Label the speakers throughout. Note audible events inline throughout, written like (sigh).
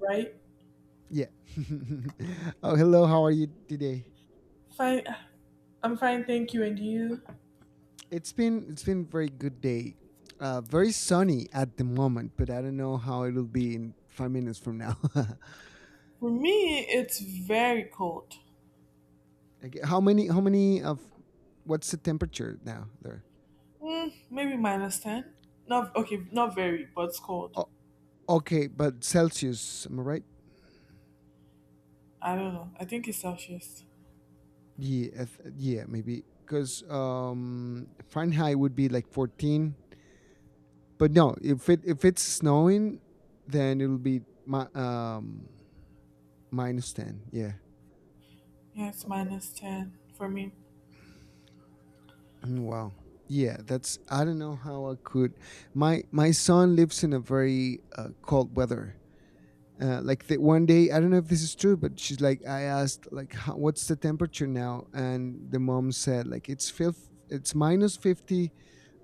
Speaker 1: Right?
Speaker 2: Yeah. (laughs) Oh, hello. How are you today?
Speaker 1: Fine. I'm fine, thank you. And you?
Speaker 2: It's been very good day. Very sunny at the moment, but I don't know how it'll be in 5 minutes from now.
Speaker 1: For me, it's very cold.
Speaker 2: (laughs) Okay, how many? How many of? What's the temperature now there?
Speaker 1: Maybe minus 10. Not okay, not very, but it's cold.
Speaker 2: Oh, okay, but Celsius. Am I right?
Speaker 1: I don't know. I think it's Celsius.
Speaker 2: Yeah, maybe because Fahrenheit would be like 14. But no, if it's snowing, then it'll be my minus ten. Yeah.
Speaker 1: Yeah, it's minus 10 for me.
Speaker 2: Mm, wow. Yeah, that's I don't know how I could. My son lives in a very cold weather. Like the one day, I don't know if this is true, but she's like, I asked like, how, what's the temperature now? And the mom said like it's minus 50,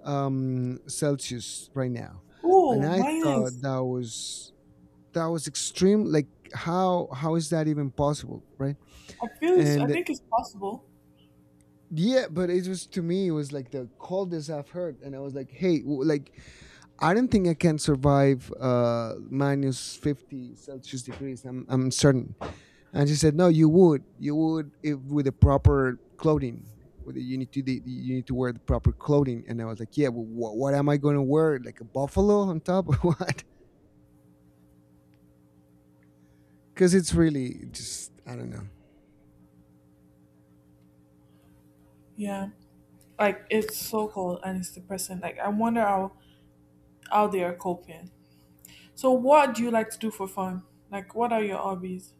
Speaker 2: Celsius right now, and
Speaker 1: Ooh,
Speaker 2: I thought
Speaker 1: minus.
Speaker 2: that was extreme. Like how is that even possible, right?
Speaker 1: I
Speaker 2: And
Speaker 1: think it's possible.
Speaker 2: yeah, but it was to me, it was like the coldest I've heard, and I was like, hey, like I don't think I can survive minus 50 Celsius degrees. I'm certain. And she said, no, you would. You would if with the proper clothing. You need you need to wear the proper clothing. And I was like, yeah, well, what am I going to wear? Like a buffalo on top or (laughs) what? Because it's really just, I don't know.
Speaker 1: Yeah. Like it's so cold and it's depressing. Like I wonder how they are coping. So what do you like to do for fun? Like what are your hobbies?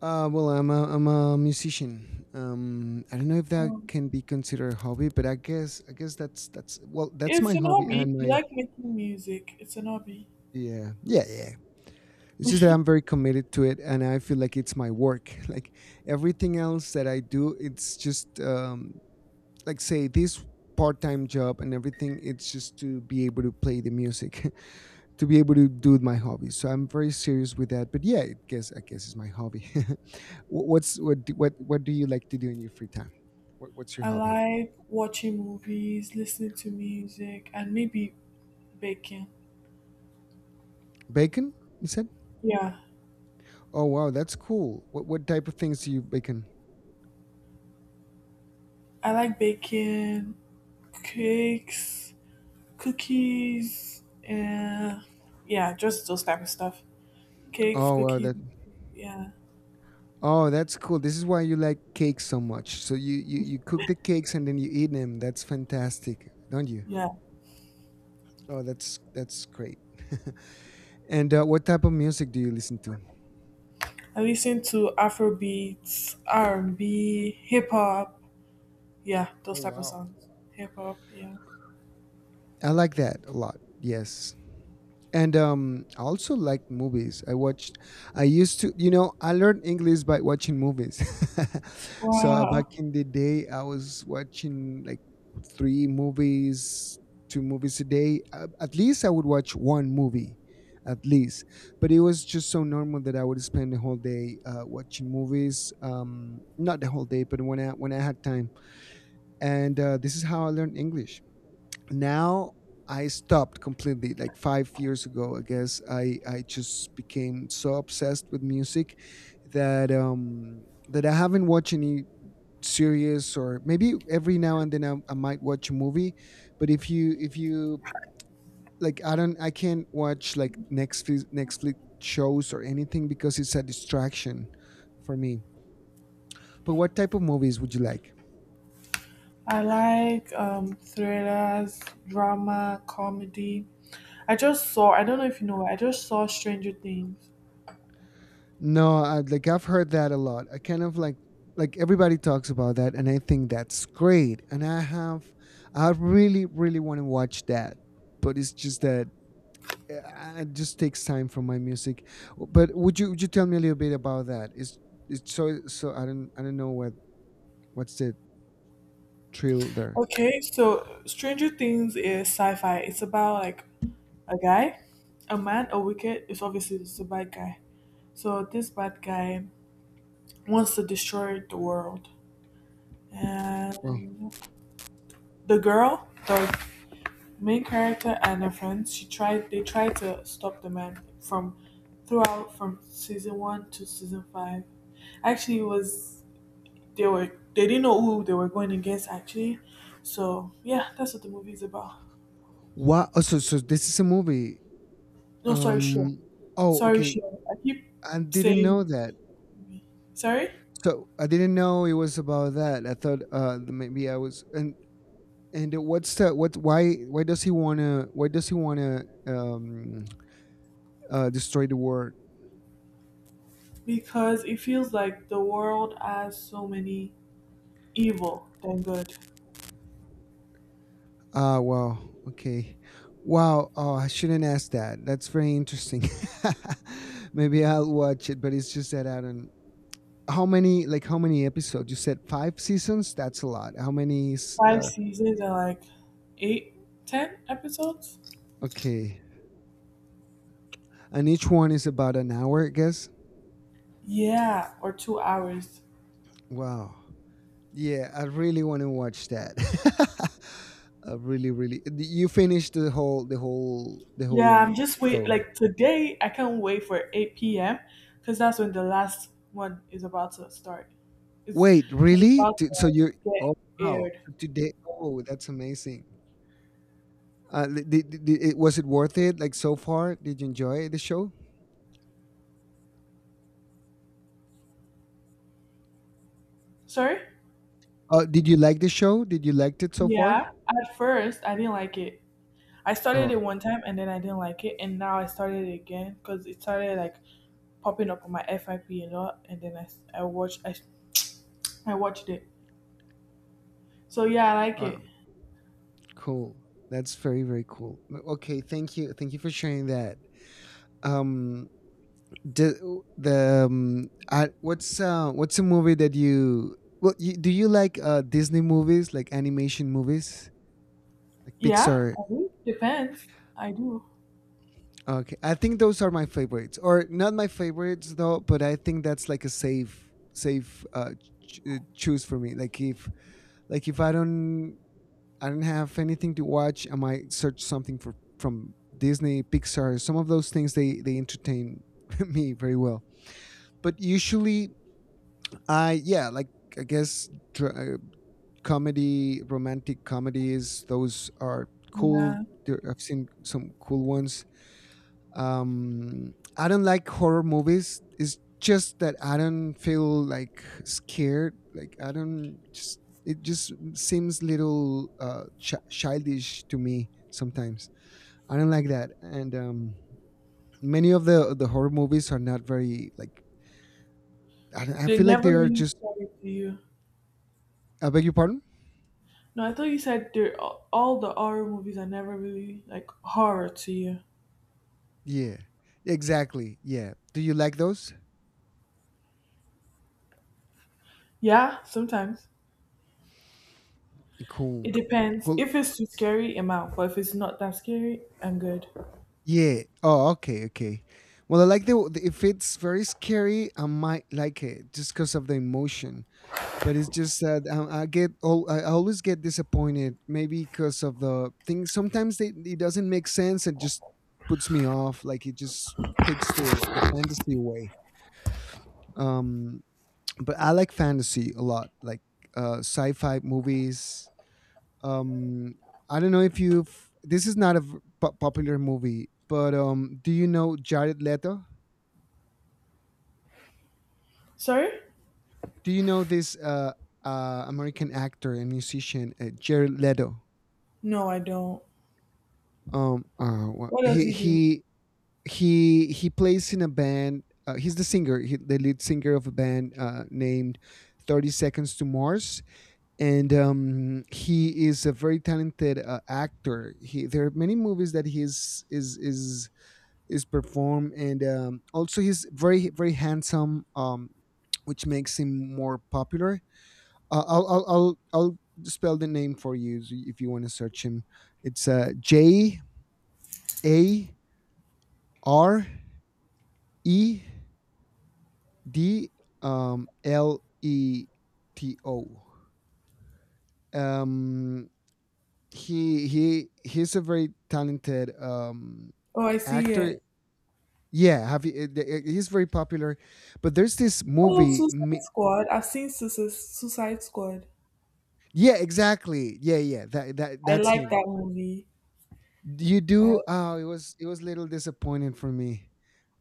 Speaker 2: Well, I'm a musician. I don't know if that
Speaker 1: Um,
Speaker 2: can be considered a hobby, but I guess that's my
Speaker 1: it's an
Speaker 2: hobby
Speaker 1: hobby.
Speaker 2: and
Speaker 1: You
Speaker 2: my
Speaker 1: like making music. It's an hobby.
Speaker 2: Yeah, yeah, yeah. It's just that I'm
Speaker 1: (laughs)
Speaker 2: very committed to it, and I feel like it's my work. (laughs) Like everything else that I do, it's just like say this part-time job and everything. It's just to be able to play the music, (laughs) to be able to do my hobbies. So I'm very serious with that. But yeah, I guess it's my hobby. (laughs) What do you like to do in your free time? What's your
Speaker 1: I
Speaker 2: hobby?
Speaker 1: like watching movies, listening to music, and maybe baking.
Speaker 2: Bacon, you said.
Speaker 1: Yeah,
Speaker 2: Oh wow, that's cool. What type of things do you bacon?
Speaker 1: I like baking, cakes, cookies, and yeah, just those type of stuff. Cakes,
Speaker 2: Oh wow,
Speaker 1: cookies,
Speaker 2: that
Speaker 1: yeah,
Speaker 2: Oh, that's cool. This is why you like cakes so much. So you cook the cakes and then you eat them. That's fantastic, don't you?
Speaker 1: yeah.
Speaker 2: Oh, that's great. (laughs) And what type of music do you listen to?
Speaker 1: I listen to Afro beats, R and B, hip hop, yeah,
Speaker 2: Oh,
Speaker 1: those type of
Speaker 2: wow.
Speaker 1: songs. Hip hop, yeah.
Speaker 2: I like that a lot. Yes. And I also like movies. I watched i used to you know I learned english by watching movies. (laughs) So, back
Speaker 1: Wow,
Speaker 2: in the day I was watching like three movies two movies a day, at least I would watch one movie, at least. But it was just so normal that I would spend the whole day watching movies. Um not the whole day, but when I had time. And this is how I learned english. Now I stopped completely like 5 years ago. I guess I just became so obsessed with music, that I haven't watched any series. Or maybe every now and then, I might watch a movie, but if you like, I can't watch like Netflix shows or anything, because it's a distraction for me. But what type of movies would you like?
Speaker 1: I like thrillers, drama, comedy. I just saw, I don't know if you know, I just saw Stranger Things.
Speaker 2: No, like I've heard that a lot. I kind of like, everybody talks about that, and I think that's great. And I really, really want to watch that, but it's just that, it just takes time from my music. But would you tell me a little bit about that? Is It's, so I don't know what's the thrill there.
Speaker 1: Okay, so Stranger Things is sci fi. It's about like a guy, a man, a wicked, it's obviously it's a bad guy. So this bad guy wants to destroy the world.
Speaker 2: Oh.
Speaker 1: And the girl, the main character and her friends, she tried they tried to stop the man from season one to season five. Actually it was they were they didn't know who they were going against actually. So yeah, that's what the movie is about.
Speaker 2: Wow. Oh, so this is a movie.
Speaker 1: No, sorry, sure.
Speaker 2: Um. Oh,
Speaker 1: Sorry,
Speaker 2: okay.
Speaker 1: sure. I keep
Speaker 2: I didn't know
Speaker 1: saying
Speaker 2: that.
Speaker 1: movie. Sorry.
Speaker 2: So I didn't know it was about that. I thought maybe I was. And what's the what? Why does he wanna? Why does he wanna destroy the world?
Speaker 1: Because it feels like the world has so many evil than good.
Speaker 2: Ah, wow. Okay. Wow. Oh, I shouldn't ask that. That's very interesting. (laughs) Maybe I'll watch it, but it's just that I don't. How many? Like how many episodes? You said five seasons. That's a lot. How many?
Speaker 1: Five seasons are like eight, ten episodes.
Speaker 2: Okay. And each one is about an hour, I guess.
Speaker 1: Yeah, or 2 hours.
Speaker 2: Wow. Yeah, I really want to watch that. (laughs) I really, really. You finished the whole, the whole, the
Speaker 1: Yeah,
Speaker 2: whole
Speaker 1: I'm just wait.
Speaker 2: show.
Speaker 1: Like today, I can't wait for 8 p.m. because that's when the last one is about to start. It's
Speaker 2: Wait,
Speaker 1: sort of
Speaker 2: really?
Speaker 1: about
Speaker 2: So you're.
Speaker 1: the
Speaker 2: Oh
Speaker 1: getting
Speaker 2: wow.
Speaker 1: aired.
Speaker 2: So today? Oh, that's amazing. Was it worth it? Like so far, did you enjoy the show?
Speaker 1: Sorry?
Speaker 2: Did you like the show? Did you liked it so far?
Speaker 1: Yeah. At first, I didn't like it. I started
Speaker 2: Oh,
Speaker 1: it one time and then I didn't like it, and now I started it again because it started like popping up on my FIP a lot, and then I s- I watched it. So yeah, I like
Speaker 2: uh,
Speaker 1: it.
Speaker 2: cool. That's very, very cool. Okay, thank you for sharing that. Um, do, the what's a movie that you, do you like Disney movies like animation movies like
Speaker 1: Yeah,
Speaker 2: Pixar?
Speaker 1: I do. Depends. I do.
Speaker 2: Okay, I think those are my favorites, or not my favorites though. But I think that's like a safe choose for me. Like if, I don't I don't have anything to watch, I might search something for from Disney, Pixar. Some of those things they entertain (laughs) me very well. But usually. Yeah, like I guess, dr- uh, comedy, romantic comedies, those are cool.
Speaker 1: Yeah.
Speaker 2: There, I've seen some cool ones. I don't like horror movies. It's just that I don't feel like scared. Like I don't just. It just seems little childish to me sometimes. I don't like that, and many of the horror movies are not very like. I, don't, I
Speaker 1: They
Speaker 2: feel like
Speaker 1: never
Speaker 2: they are
Speaker 1: really
Speaker 2: just.
Speaker 1: sell it to you.
Speaker 2: I beg your pardon.
Speaker 1: No, I thought you said they're all the horror movies are never really like horror to you.
Speaker 2: Yeah, exactly. Yeah. Do you like those?
Speaker 1: Yeah, sometimes.
Speaker 2: Cool.
Speaker 1: It depends.
Speaker 2: Cool.
Speaker 1: If it's too scary, I'm out. But if it's not that scary, I'm good.
Speaker 2: Yeah. Oh, okay, okay. Well, I like if it's very scary, I might like it just because of the emotion. But it's just that I always get disappointed, maybe because of the things. Sometimes, it doesn't make sense. It just puts me off. Like it just takes the fantasy away. Um, but I like fantasy a lot, like sci-fi movies. um I don't know if you've this is not a popular movie, but do you know Jared Leto?
Speaker 1: Sorry?
Speaker 2: Do you know this american actor and musician, Jared Leto?
Speaker 1: No, I don't.
Speaker 2: um uh wha-
Speaker 1: What does
Speaker 2: he
Speaker 1: he do?
Speaker 2: he he plays in a band. He's the singer, the lead singer of a band named 30 seconds to mars. And he is a very talented actor. He There are many movies that he's is performed, and also he's very, very handsome, which makes him more popular. I'll spell the name for you, so if you want to search him, it's, J, A, R, E, D, L, E, T, O. um, he's a very talented,
Speaker 1: Oh, I see
Speaker 2: actor.
Speaker 1: it.
Speaker 2: Yeah, he's very popular, but there's this
Speaker 1: Oh,
Speaker 2: movie
Speaker 1: Suicide
Speaker 2: Mi-.
Speaker 1: Squad. I've seen Suicide Squad.
Speaker 2: Yeah, exactly. Yeah, yeah. That that
Speaker 1: I
Speaker 2: that's
Speaker 1: like
Speaker 2: him.
Speaker 1: that movie.
Speaker 2: You
Speaker 1: Uh,
Speaker 2: do. Oh, it was a little disappointing for me.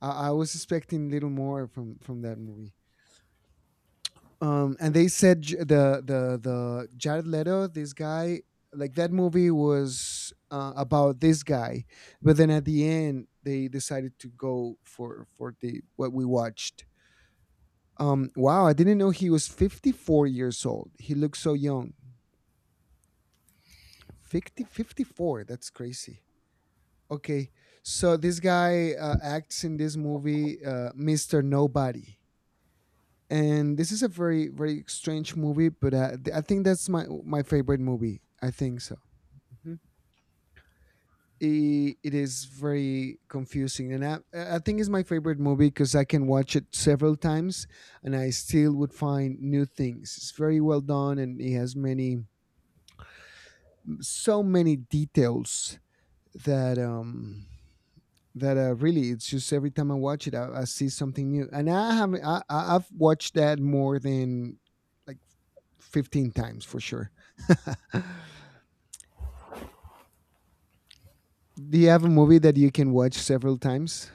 Speaker 2: I was expecting a little more from that movie. And they said, J- the Jared Leto, this guy, like that movie was, about this guy, but then at the end they decided to go for the what we watched. Wow, I didn't know he was 54 years old. He looks so young. Fifty, 54. That's crazy. Okay, so this guy, acts in this movie, Mister Nobody, and this is a very, very strange movie, but I think that's my favorite movie. I think so. Mhm. It is very confusing, and I think it's my favorite movie because I can watch it several times, and I still would find new things. It's very well done, and it has many so many details, that um that really it's just every time I watch it, I see something new. And I have I- I've watched that more than, like, 15 times for sure. (laughs) Do you have a movie that you can watch several times?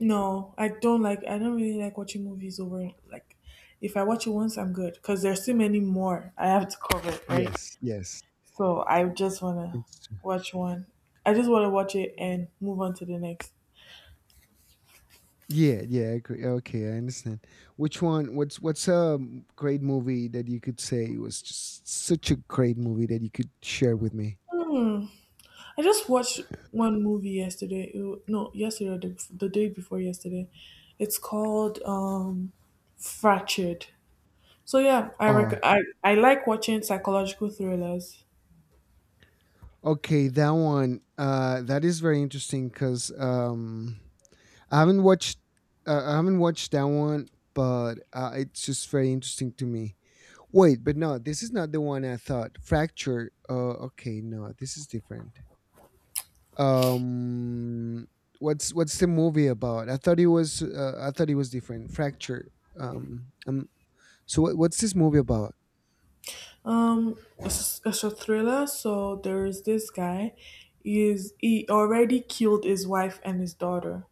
Speaker 1: no, I don't really like watching movies over. Like, if I watch it once, I'm good because there's too many more I have to cover, right?
Speaker 2: Yes, yes.
Speaker 1: So I just wanna
Speaker 2: It's,
Speaker 1: watch one. I just wanna watch it and move on to the next.
Speaker 2: yeah, yeah. I agree. Okay, I understand. Which one? What's a great movie that you could say was just such a great movie that you could share with me?
Speaker 1: Hmm. I just watched one movie yesterday. No, yesterday or the day before yesterday. It's called Fractured. So yeah, I, rec-
Speaker 2: Oh,
Speaker 1: I like watching psychological thrillers.
Speaker 2: okay, that one. That is very interesting because, I haven't watched. I haven't watched that one, but, it's just very interesting to me. Wait, but no, this is not the one I thought. Fracture. Okay, no, this is different. Um, what's the movie about? I thought it was. I thought it was different. Fracture. Um, um. So what's this movie about?
Speaker 1: It's a thriller. So there is this guy. Is he already killed his wife and his daughter,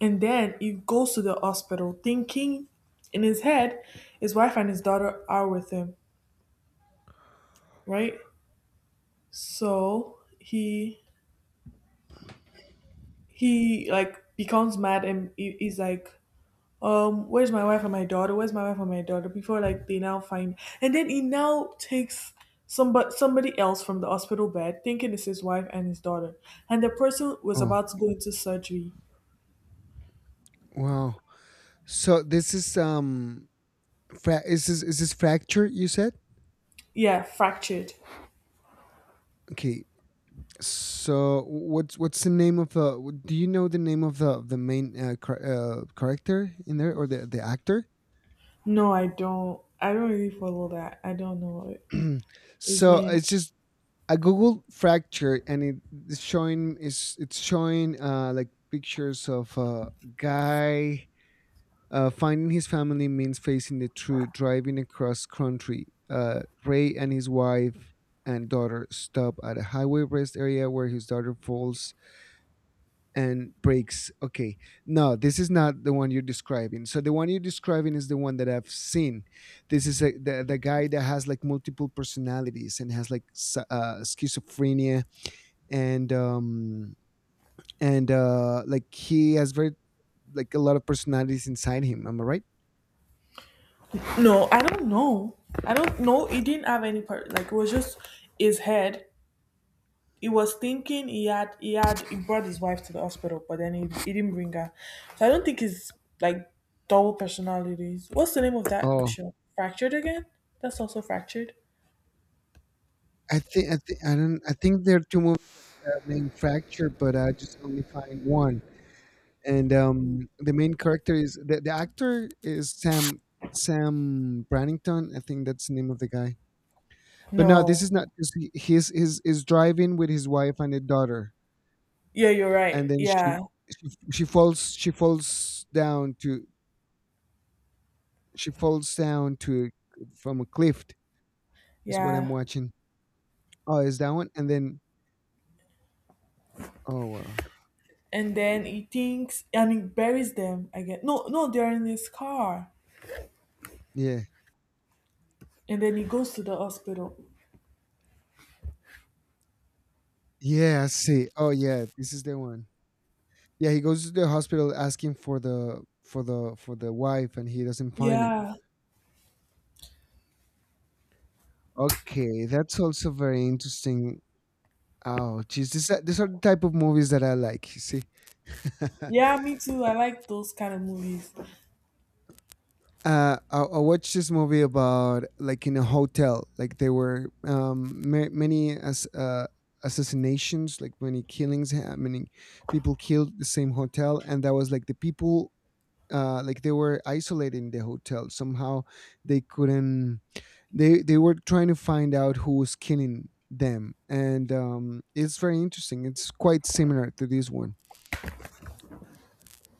Speaker 1: and then he goes to the hospital thinking in his head his wife and his daughter are with him, right? So he like becomes mad and he's like where's my wife and my daughter where's my wife and my daughter before like they now find and then he now takes somebody else from the hospital bed thinking it's his wife and his daughter and the person was
Speaker 2: Oh,
Speaker 1: about to go into surgery.
Speaker 2: wow. So this is. Is this fracture? You said.
Speaker 1: Yeah, fractured.
Speaker 2: Okay, so what's the name of the? Do you know the name of the main character in there or the actor?
Speaker 1: No, I don't, I don't really follow that. I don't know
Speaker 2: (clears throat)
Speaker 1: his
Speaker 2: So
Speaker 1: name.
Speaker 2: it's just I googled fracture and it's showing is it's showing like pictures of a guy finding his family means facing the truth, driving across country. Ray and his wife and daughter stop at a highway rest area where his daughter falls and breaks. Okay, no, this is not the one you're describing. So the one you're describing is the one that I've seen. This is the guy that has like multiple personalities and has like schizophrenia and and like he has very like a lot of personalities inside him. Am I right?
Speaker 1: No, I don't know, I don't know he didn't have any part like it was just his head he was thinking he brought his wife to the hospital, but then he didn't bring her. So I don't think it's like double personalities. What's the name of that
Speaker 2: Oh,
Speaker 1: show? Fractured again? That's also fractured.
Speaker 2: I think I don't I think there are two movies named Fracture, but I just only find one. And the main character is the actor is Sam Sam Brannington. I think that's the name of the guy. But no, this
Speaker 1: No.
Speaker 2: is not because he's is driving with his wife and a daughter,
Speaker 1: Yeah, you're
Speaker 2: and
Speaker 1: right.
Speaker 2: then she
Speaker 1: Yeah,
Speaker 2: she she falls she falls down to from a cliff. Is what I'm
Speaker 1: yeah.
Speaker 2: watching. Oh, is that one? And then oh uh,
Speaker 1: And then he thinks and he buries them again. No, no, they're in his car.
Speaker 2: yeah
Speaker 1: And then he goes to the hospital.
Speaker 2: yeah, I see. Oh yeah, this is the one. Yeah, he goes to the hospital asking for the for the for the wife, and he doesn't find him.
Speaker 1: Yeah.
Speaker 2: Okay, that's also very interesting. Oh, geez, these are the type of movies that I like. You see,
Speaker 1: Yeah, me too. I like those kind of movies.
Speaker 2: I watched this movie about like in a hotel, like there were many as assassinations, like many killings happening, people killed the same hotel, and that was like the people like they were isolated in the hotel. Somehow they couldn't. They were trying to find out who was killing them, and it's very interesting. It's quite similar to this one.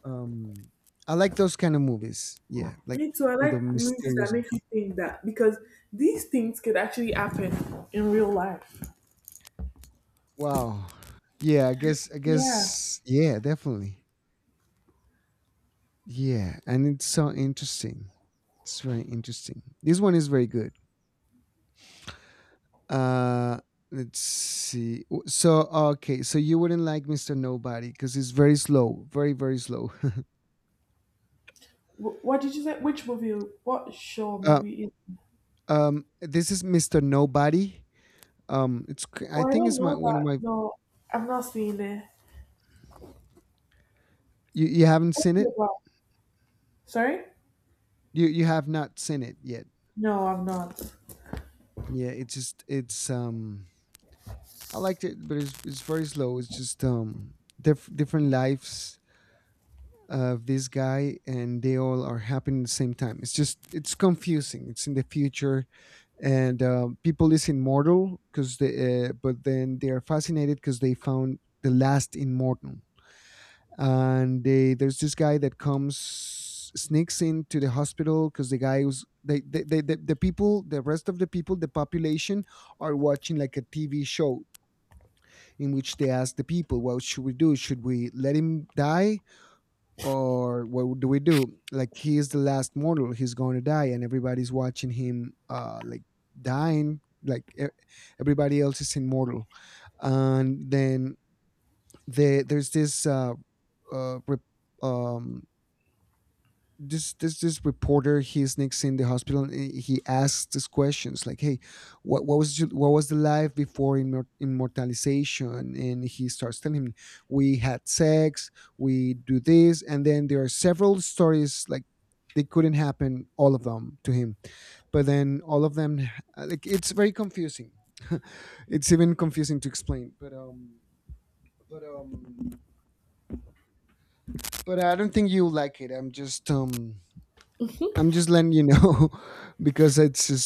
Speaker 2: Um, I like those kind of movies. Yeah, like
Speaker 1: Me too. I
Speaker 2: with the
Speaker 1: like movies that
Speaker 2: mysterious.
Speaker 1: make you think that because these things could actually happen in real life.
Speaker 2: Wow. Yeah, I
Speaker 1: Yeah.
Speaker 2: guess. Yeah, definitely. Yeah, and it's so interesting. It's very interesting. This one is very good. Uh, let's see. So okay, so you wouldn't like Mister Nobody because he's very slow, very very slow. (laughs)
Speaker 1: What did you say? Which movie? What show or
Speaker 2: Uh,
Speaker 1: movie is?
Speaker 2: this is Mister Nobody. It's
Speaker 1: Oh,
Speaker 2: I
Speaker 1: I
Speaker 2: think
Speaker 1: don't
Speaker 2: it's my
Speaker 1: know
Speaker 2: one of
Speaker 1: that.
Speaker 2: my.
Speaker 1: No, I'm not seeing it.
Speaker 2: You haven't
Speaker 1: What's
Speaker 2: seen
Speaker 1: it
Speaker 2: it.
Speaker 1: about? Sorry?
Speaker 2: You have not seen it yet.
Speaker 1: No, I'm not.
Speaker 2: Yeah, it's just it's. I liked it, but it's very slow. It's just different lives of this guy and they all are happening at the same time, it's just it's confusing, it's in the future and people is immortal because they but then they are fascinated because they found the last immortal, and they there's this guy that comes, sneaks into the hospital because the guy was they the people the rest of the people the population are watching like a TV show in which they ask the people, what should we do, should we let him die or what do we do, like he is the last mortal, he's going to die and everybody's watching him like dying, like everybody else is immortal, and then there's this uh rep, um this reporter, he sneaks in the hospital and he asks these questions like, hey what was what was the life before immortalization, and he starts telling him we had sex, we do this, and then there are several stories like they couldn't happen all of them to him but then all of them, like it's very confusing (laughs) it's even confusing to explain, but but um but I don't think you'll like it. I'm just letting you know (laughs) because it's just